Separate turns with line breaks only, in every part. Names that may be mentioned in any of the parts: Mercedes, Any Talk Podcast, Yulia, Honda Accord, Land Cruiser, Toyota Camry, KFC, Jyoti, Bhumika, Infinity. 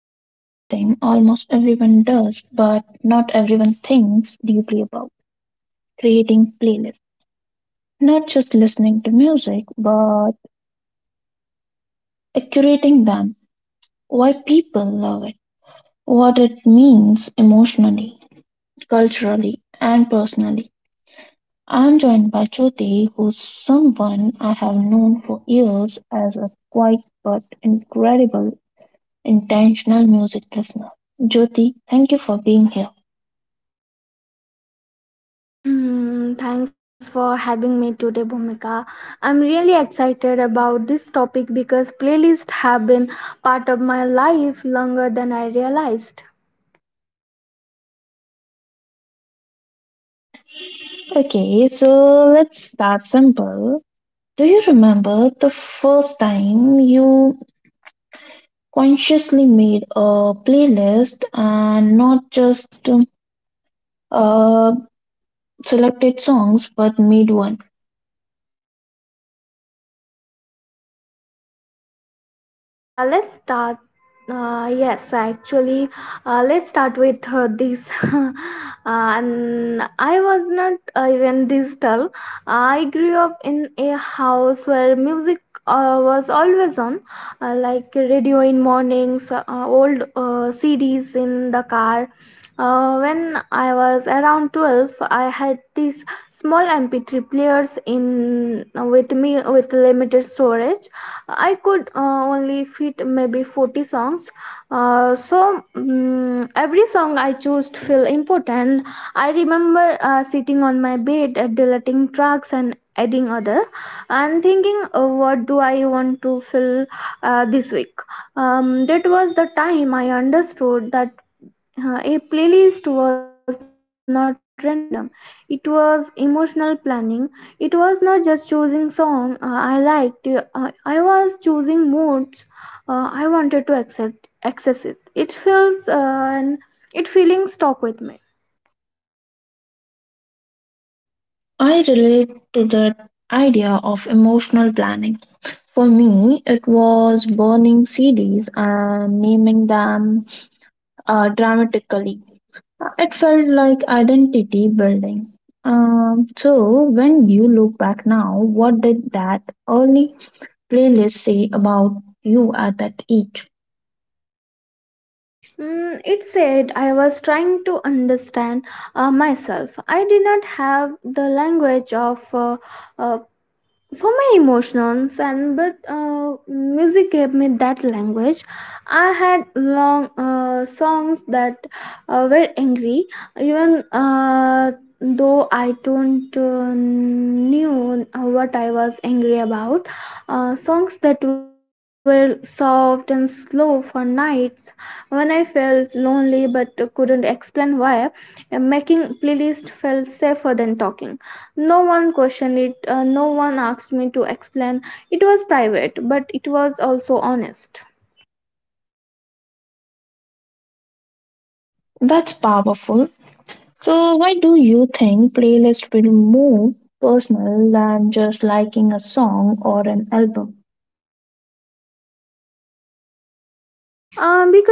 about something almost everyone does but not everyone thinks deeply about, creating playlists. Not just listening to music but curating them. Why people love it, what it means emotionally, culturally and personally. I'm joined by Jyoti, who's someone I have known for years as a quiet but incredible intentional music listener. Jyoti, thank you for being here.
Thanks for having me today, Bhumika. I'm really excited about this topic because playlists have been part of my life longer than I realized.
Okay, so let's start simple. Do you remember the first time you consciously made a playlist and not just uh, selected songs but made one?
Let's start. Yes, actually, let's start with this. And I was not even digital. I grew up in a house where music was always on, like radio in mornings, old CDs in the car. When I was around 12, I had these small MP3 players in with me with limited storage. I could only fit maybe 40 songs. So every song I chose to feel important. I remember sitting on my bed, deleting tracks and adding other, and thinking, what do I want to fill this week? That was the time I understood that a playlist was not random. It was emotional planning. It was not just choosing song I liked. I was choosing moods. I wanted to accept access it feels, and it feeling stuck with me.
I relate to that idea of emotional planning. For me, it was burning CDs and naming them dramatically. It felt like identity building. So, when you look back now, what did that early playlist say about you at that age?
It said I was trying to understand myself. I did not have the language of uh, for my emotions, and but music gave me that language. I had long songs that were angry, even uh, though I don't knew what I was angry about. Songs that were soft and slow for nights when I felt lonely but couldn't explain why. Making playlist felt safer than talking. No one questioned it, no one asked me to explain. It was private, but it was also honest.
That's powerful. So, why do you think playlists feel more personal than just liking a song or an album?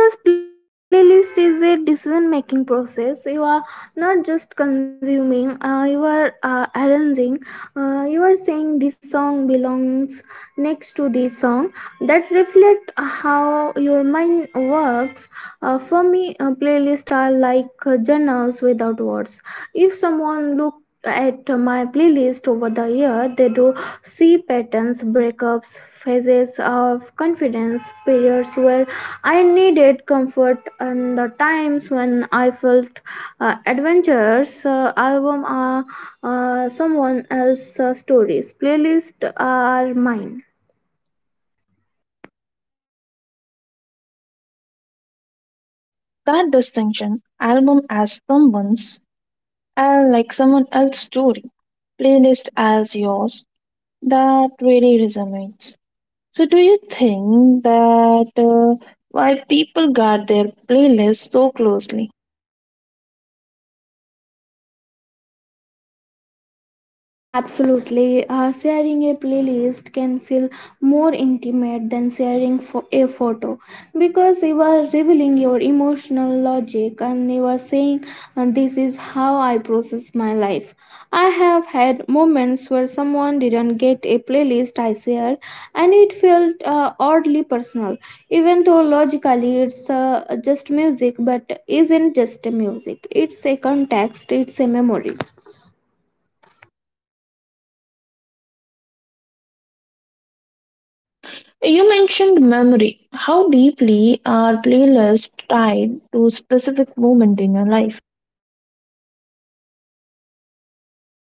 Because playlist is a decision making process. You are not just consuming. You are arranging. You are saying this song belongs next to this song. That reflect how your mind works. For me, playlists are like journals without words. If someone look at my playlist over the year, they do see patterns, breakups, phases of confidence, periods where I needed comfort, in the times when I felt adventurous. Album are someone else's stories. Playlists are mine.
That distinction, album as someone's, like someone else's story, playlist as yours, that really resonates. So, do you think that why people guard their playlists so closely?
Absolutely. Sharing a playlist can feel more intimate than sharing a photo because you are revealing your emotional logic, and you are saying, this is how I process my life. I have had moments where someone didn't get a playlist I shared, and it felt oddly personal, even though logically it's just music, but isn't just music. It's a context, it's a memory.
You mentioned memory. How deeply are playlists tied to specific moment in your life?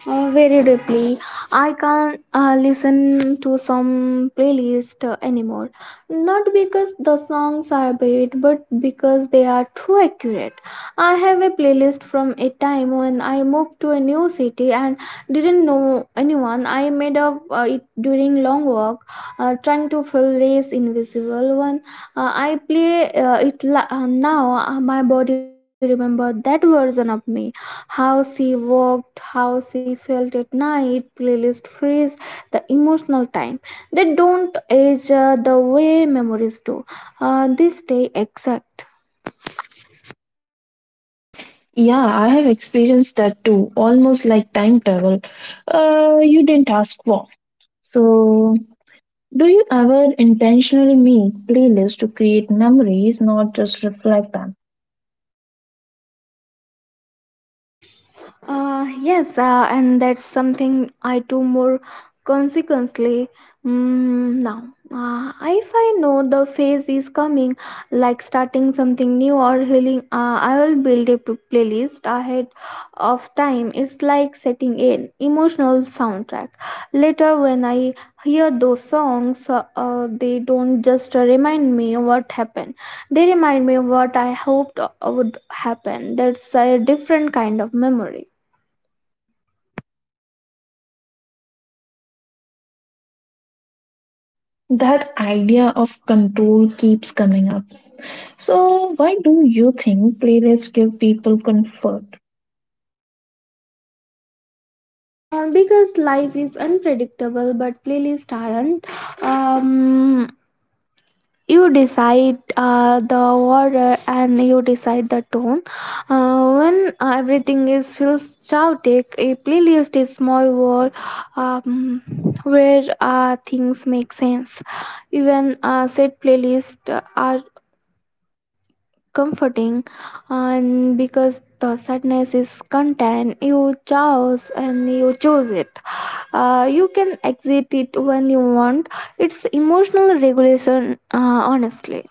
Very deeply. I can't listen to some playlist anymore. Not because the songs are bad, but because they are too accurate. I have a playlist from a time when I moved to a new city and didn't know anyone. I made up it during long walk, trying to feel less invisible. When I play it now, my body remember that version of me, how she walked, how she felt at night. Playlist freeze the emotional time. They don't age the way memories do. They stay exact.
Yeah, I have experienced that too, almost like time travel. You didn't ask for. So, do you ever intentionally make playlists to create memories, not just reflect them?
Yes, and that's something I do more consequently now. If I know the phase is coming, like starting something new or healing, I will build a playlist ahead of time. It's like setting an emotional soundtrack. Later, when I hear those songs, they don't just remind me what happened, they remind me of what I hoped would happen. That's a different kind of memory.
That idea of control keeps coming up. So, why do you think playlists give people comfort?
Because life is unpredictable, but playlists aren't. Um, you decide the order, and you decide the tone. When everything is feels chaotic, a playlist is small world um, where things make sense. Even set playlists are comforting, and because the sadness is content you chose, and you chose it, you can exit it when you want. It's emotional regulation, honestly.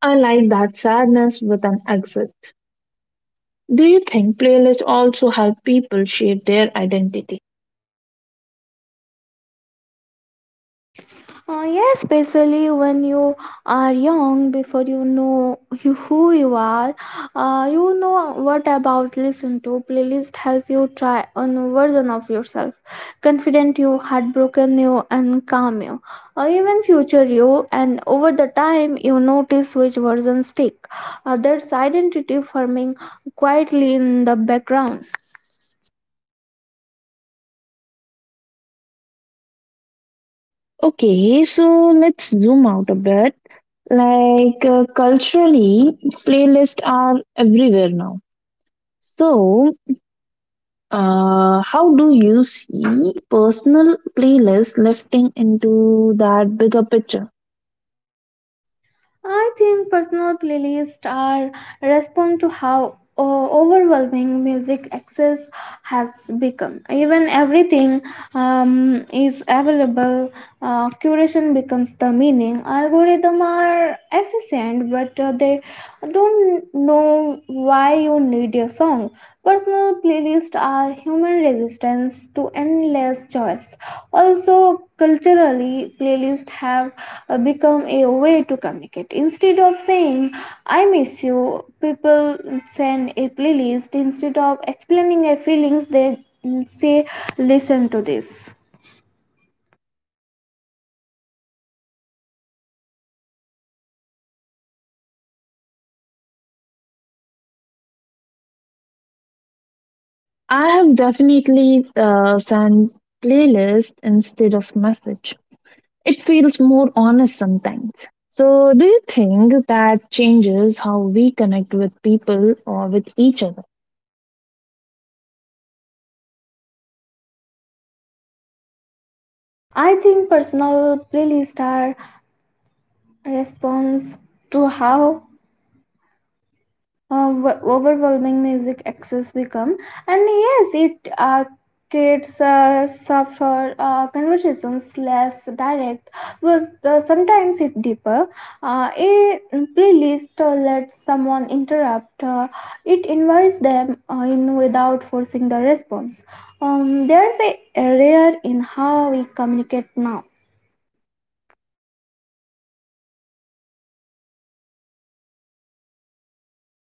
I like that sadness with an exit. Do you think playlists also help people shape their identity?
Yeah, especially when you are young, before you know you, who you are, you know what about listen to playlist help you try on version of yourself, confident you, heartbroken you, and calm you, or even future you. And over the time, you notice which versions stick. That's identity forming quietly in the background.
Okay, so let's zoom out a bit. Like culturally, playlists are everywhere now. So, how do you see personal playlists lifting into that bigger picture?
I think personal playlists are respond to how overwhelming music access has become. Even everything is available. Curation becomes the meaning. Algorithms are efficient, but they don't know why you need a song. Personal playlists are human resistance to endless choice. Also, culturally, playlists have become a way to communicate. Instead of saying, I miss you, people send a playlist. Instead of explaining their feelings, they say, listen to this.
I have definitely sent playlist instead of message. It feels more honest sometimes. So, do you think that changes how we connect with people or with each other?
I think personal playlists are response to how of overwhelming music access become, and yes it creates softer conversations, less direct, but sometimes it deeper. A playlist lets someone interrupt. It invites them in without forcing the response. There's a rare in how we communicate now.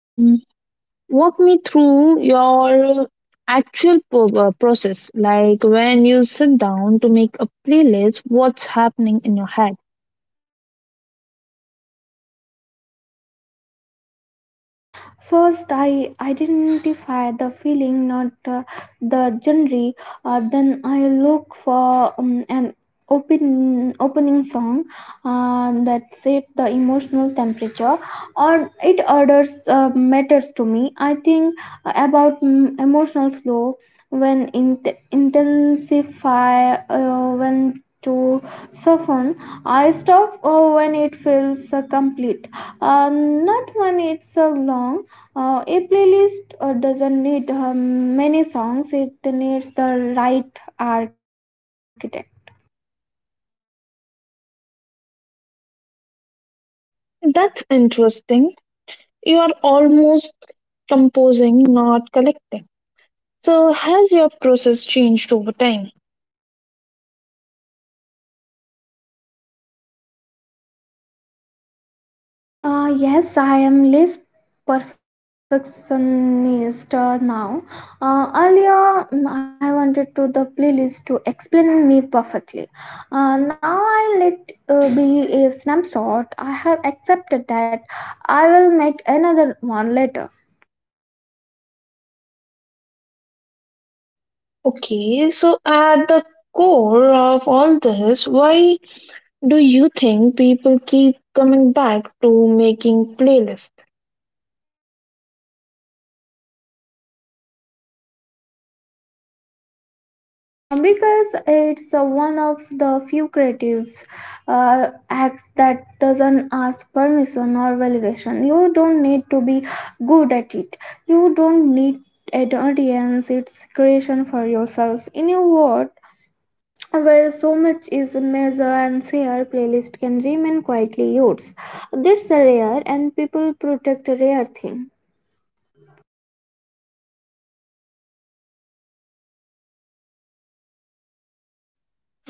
Mm, walk me through your actual process. Like when you sit down to make a playlist, what's happening in your head?
First, I identify the feeling, not the genre. Then I look for an open opening song that set the emotional temperature, or it orders matters to me. I think about emotional flow, when intensify, when to soften. I stop when it feels complete, not when it's so long. A playlist doesn't need many songs, it needs the right architect.
That's interesting. You are almost composing, not collecting. So, has your process changed over time?
Yes, I am less perfectionist now. Earlier, I wanted to the playlist to explain me perfectly. Now I let be a snapshot. I have accepted that I will make another one later.
Okay, so at the core of all this, why do you think people keep coming back to making playlists?
Because it's one of the few creatives act that doesn't ask permission or validation. You don't need to be good at it. You don't need an audience. It's creation for yourself. In a world where so much is measured and shared, playlist can remain quietly yours. That's a rare, and people protect a rare thing.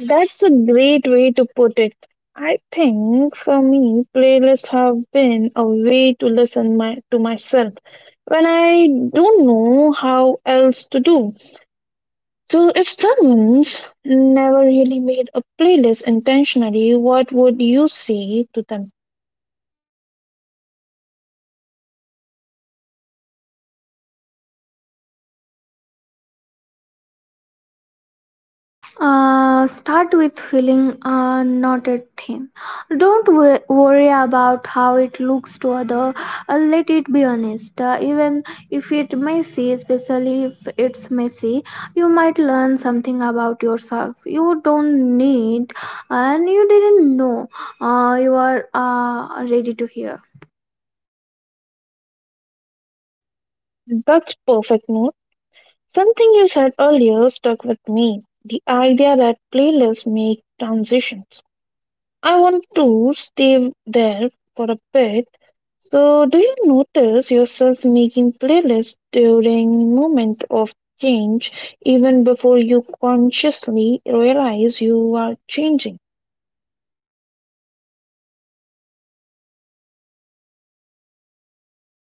That's a great way to put it. I think for me, playlists have been a way to listen my, to myself when I don't know how else to do. So, if someone's never really made a playlist intentionally, what would you say to them?
Start with filling a knotted theme. Don't worry about how it looks to other. Let it be honest. Even if it messy, especially if it's messy, you might learn something about yourself. You don't need, and you didn't know you are ready to hear.
That's perfect note. Something you said earlier stuck with me. The idea that playlists make transitions. I want to stay there for a bit. So, do you notice yourself making playlists during moment of change, even before you consciously realize you are changing?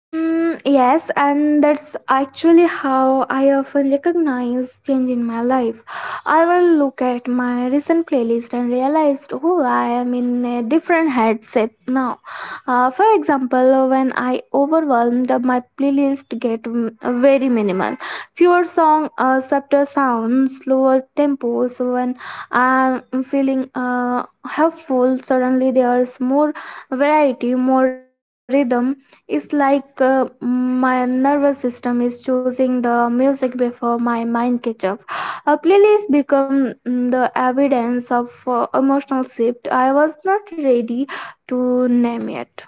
Yes, and that's actually how I often recognize change in my life. I will look at my recent playlist and realize, oh, I am in a different headset now. For example, when I overwhelmed, my playlist get very minimal, fewer song, softer sounds, slower tempos. When I'm feeling helpful, suddenly there's more variety, more rhythm. It's like my nervous system is choosing the music before my mind catch up. A playlist become the evidence of emotional shift I was not ready to name it.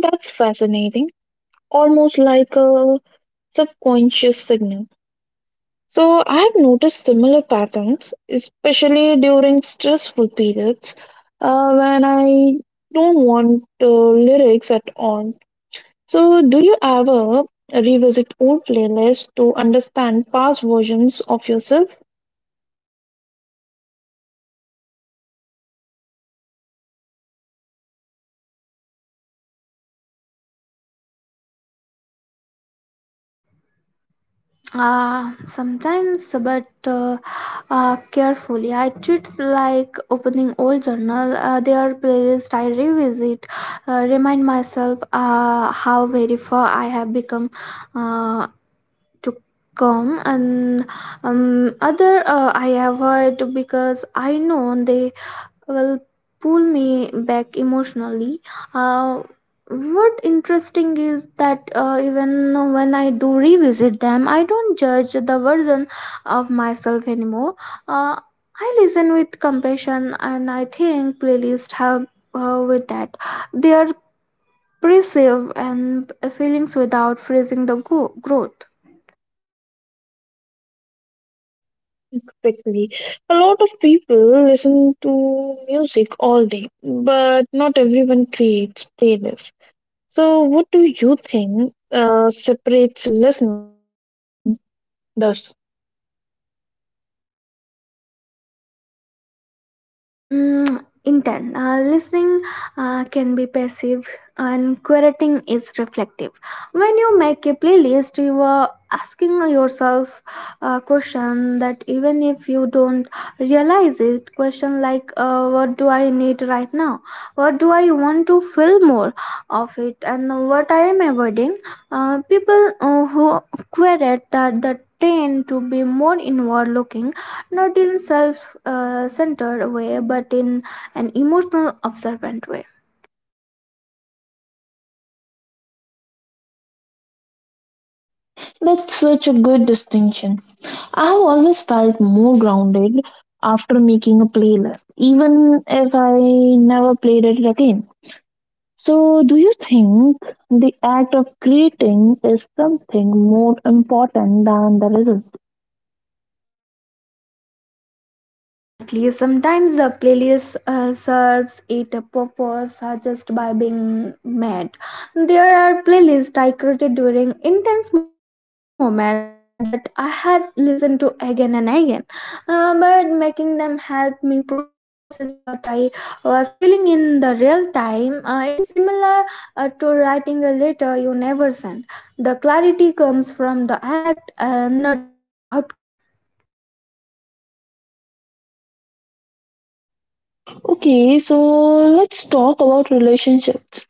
That's fascinating. Almost like a subconscious signal. So I've noticed similar patterns, especially during stressful periods when I don't want lyrics at all. So, do you ever revisit old playlists to understand past versions of yourself
Sometimes, but carefully. I treat like opening old journal. Their playlist I revisit, remind myself how very far I have become. Uh, to come, and other I avoid because I know they will pull me back emotionally. uh, what interesting is that even when I do revisit them, I don't judge the version of myself anymore. uh, I listen with compassion, and I think playlists help with that. They are preserve and feelings without freezing the growth.
quickly? A lot of people listen to music all day, but not everyone creates playlists. So, what do you think separates listeners from the.
Mm, Intent. Listening can be passive, and curating is reflective. When you make a playlist, you are asking yourself a question that, even if you don't realize it, question like, what do I need right now? What do I want to feel more of it? And what I am avoiding? People who curate that, tend to be more inward looking, not in self centered way, but in an emotional observant way.
That's such a good distinction. I have always felt more grounded after making a playlist, even if I never played it again. So, do you think the act of creating is something more important than the result?
Definitely. Sometimes the playlist serves it a purpose just by being made. There are playlists I created during intense moments that I had listened to again and again, but making them help me process what I was feeling in the real time. It's similar to writing a letter you never send. The clarity comes from the act, not the outcome.
Okay, so let's talk about relationships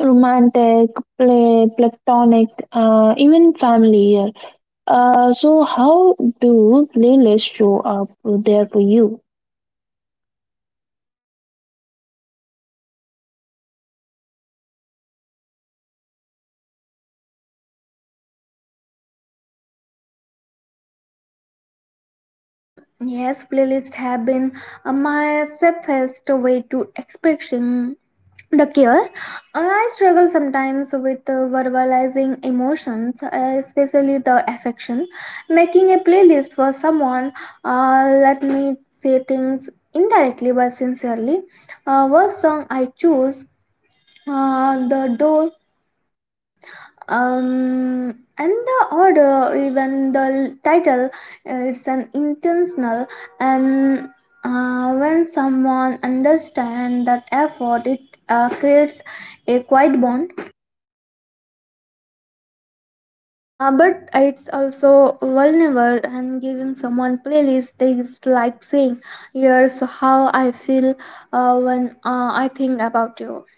romantic, platonic, even familiar. So, how do playlists show up there for you?
Yes, playlists have been my safest way to expression the care. I struggle sometimes with verbalizing emotions, especially the affection. Making a playlist for someone, let me say things indirectly but sincerely. What song I choose, the door and the order, even the title, it's an intentional. And When someone understands that effort, it creates a quiet bond, but it's also vulnerable. And giving someone playlist is like saying, here's how I feel when I think about you.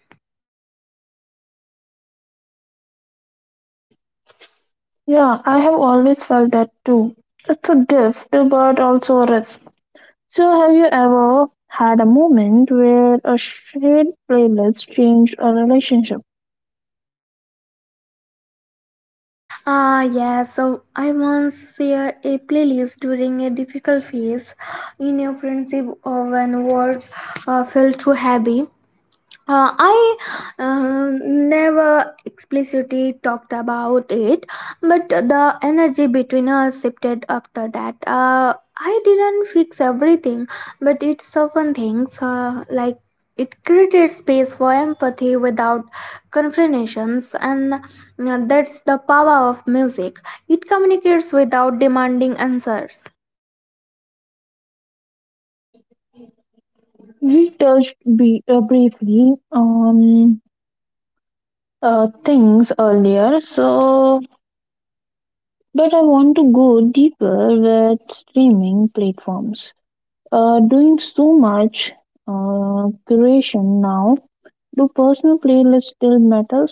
Yeah, I have always felt that too. It's a gift, but also a risk. So, have you ever had a moment where a shared playlist changed a relationship?
Yeah, so I once shared a playlist during a difficult phase in a friendship, when words felt too heavy. I never explicitly talked about it, but the energy between us shifted after that. I didn't fix everything, but it softened things. Like, it created space for empathy without confrontations, and that's the power of music. It communicates without demanding answers.
Briefly on things earlier, so but I want to go deeper with streaming platforms. Doing so much curation now, do personal playlists still matter?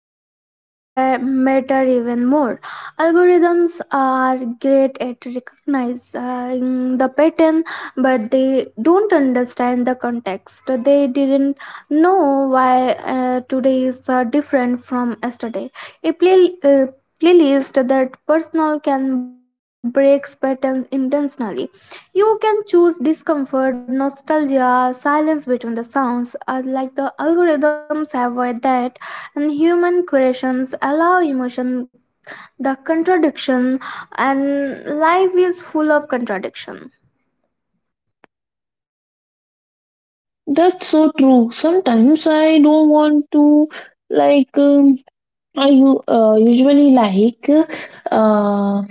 I think they matter even more. Algorithms are great at recognizing the pattern, but they don't understand the context. They didn't know why today is different from yesterday. A playlist that personal can break patterns intentionally. You can choose discomfort, nostalgia, silence between the sounds, like the algorithms have that, and human creations allow emotion, the contradiction. And life is full of contradiction.
That's so true. Sometimes I don't want to like I u- usually uh,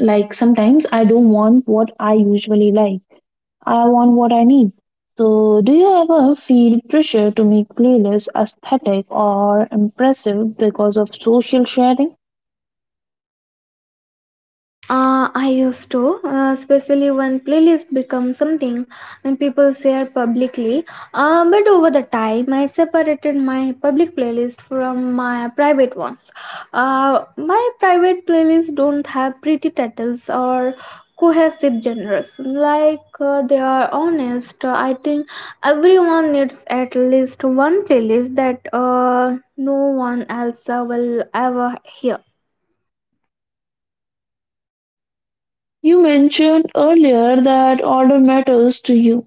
like sometimes I don't want what I usually like. I want what I need. So, do you ever feel pressure to make playlists aesthetic or impressive because of social sharing?
I used to, especially when playlists become something and people share publicly. But over the time, I separated my public playlist from my private ones. My private playlists don't have pretty titles or cohesive genres. Like, they are honest. I think everyone needs at least one playlist that no one else will ever hear.
You mentioned earlier that order matters to you.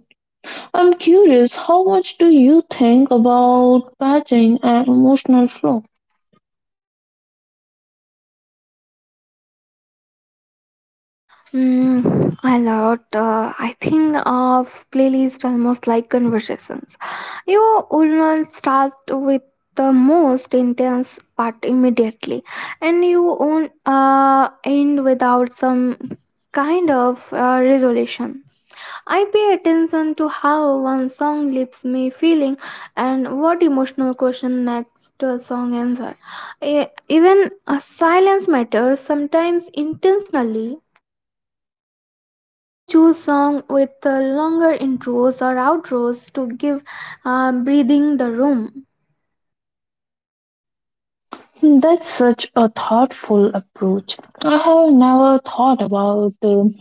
I'm curious, how much do you think about patching and emotional flow?
Mm, a lot. I think of playlist almost like conversations. You will not start with the most intense part immediately, and you won't end without some kind of resolution. I pay attention to how one song leaves me feeling and what emotional question next song answer. Even silence matters. Sometimes intentionally I choose songs with longer intros or outros to give breathing the room.
That's such a thoughtful approach. I have never thought about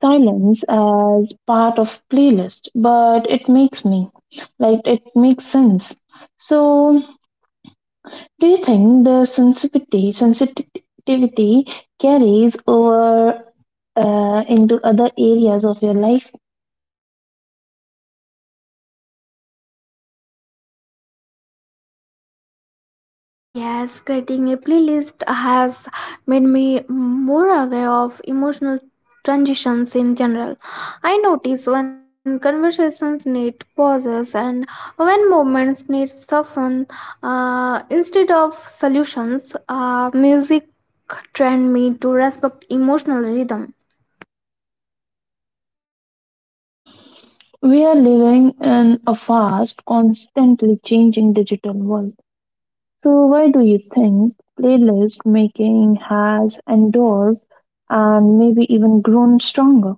silence as part of playlist, but it makes me it makes sense. So, do you think the sensitivity carries over into other areas of your life?
Yes, creating a playlist has made me more aware of emotional transitions in general. I notice when conversations need pauses and when moments need soften instead of solutions. Music trained me to respect emotional rhythm.
We are living in a fast, constantly changing digital world. So why do you think playlist making has endured and maybe even grown stronger?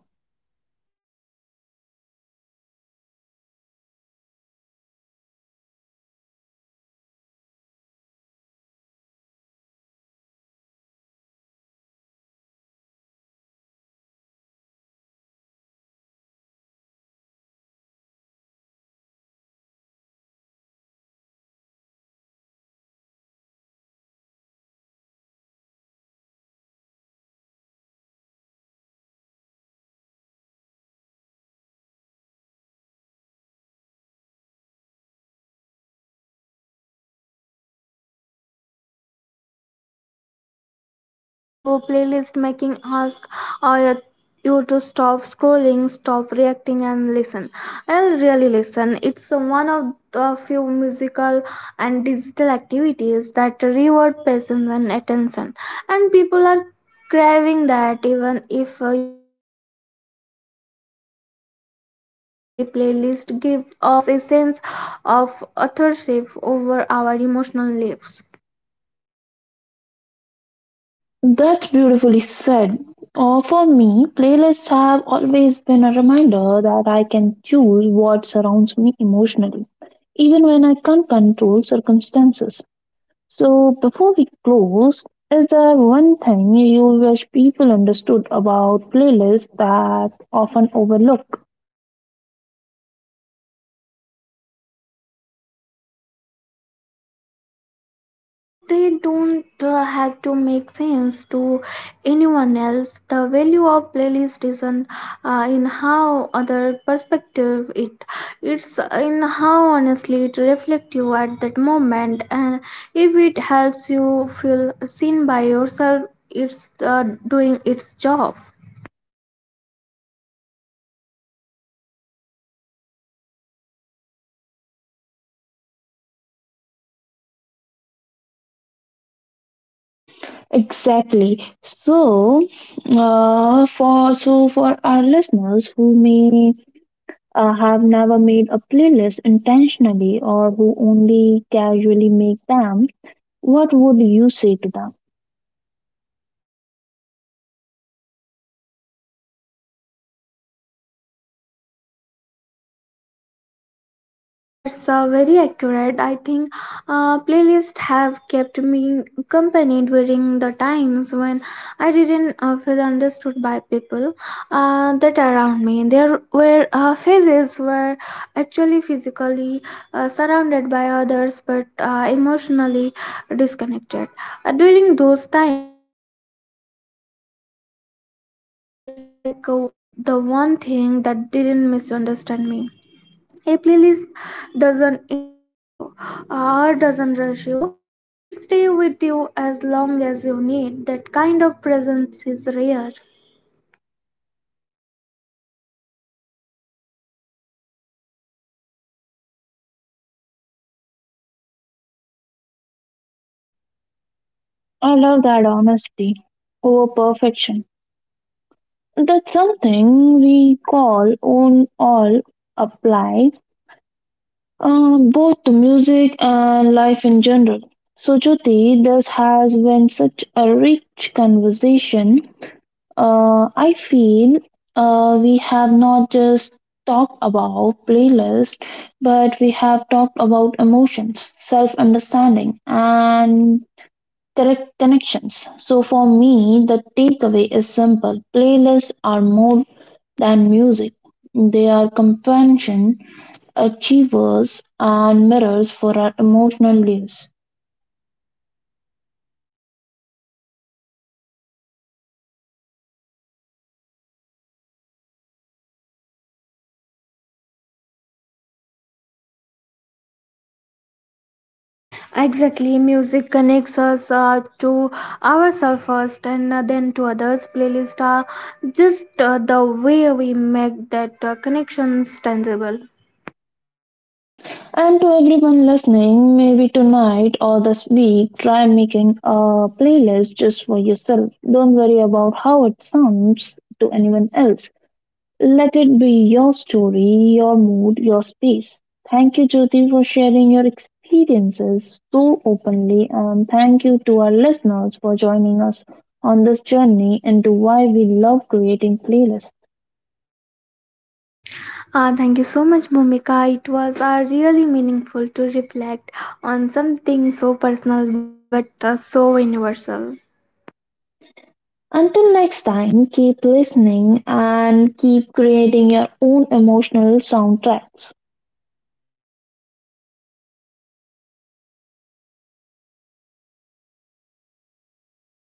Yes, because it's slow. Playlist making ask uh, you to stop scrolling, stop reacting, and listen. I'll really listen. It's one of the few musical and digital activities that reward patience and attention, and people are craving that, even if you they don't articulate it that way. Playlist give us a sense of authorship over our emotional lives.
That's beautifully said. For me, playlists have always been a reminder that I can choose what surrounds me emotionally, even when I can't control circumstances. So, before we close, is there one thing you wish people understood about playlists that often overlook?
That they don't have to make sense to anyone else. The value of playlist isn't in how other perspective it. It's in how honestly it reflects you at that moment, and if it helps you feel seen by yourself, it's doing its job.
Exactly. So, for our listeners who may have never made a playlist intentionally or who only casually make them, what would you say to them?
Mm, that's very accurate. I think playlists have kept me company during the times when I didn't feel understood by people that around me. There were phases where actually physically surrounded by others but emotionally disconnected. During those times, music felt like the one thing that didn't misunderstand me. A playlist doesn't interrupt you or doesn't rush you. It stays with you as long as you need. That kind of presence is rare.
I love that honesty over perfection. That's something we call own all apply, both to music and life in general. So, Jyoti, this has been such a rich conversation. I feel we have not just talked about playlist, but we have talked about emotions, self understanding, and direct connections. So for me, the takeaway is simple, playlists are more than music, they are companion, achievers, and mirrors for our emotional lives.
Exactly, music connects us to ourselves first, and then to others. Playlists are just the way we make that connections tangible.
And to everyone listening, maybe tonight or this week, try making a playlist just for yourself. Don't worry about how it sounds to anyone else. Let it be your story, your mood, your space. Thank you, Jyoti, for sharing your experiences so openly, and thank you to our listeners for joining us on this journey into why we love creating playlists.
Thank you so much, Momika. It was really meaningful to reflect on something so personal but so universal.
Until next time, keep listening and keep creating your own emotional soundtracks.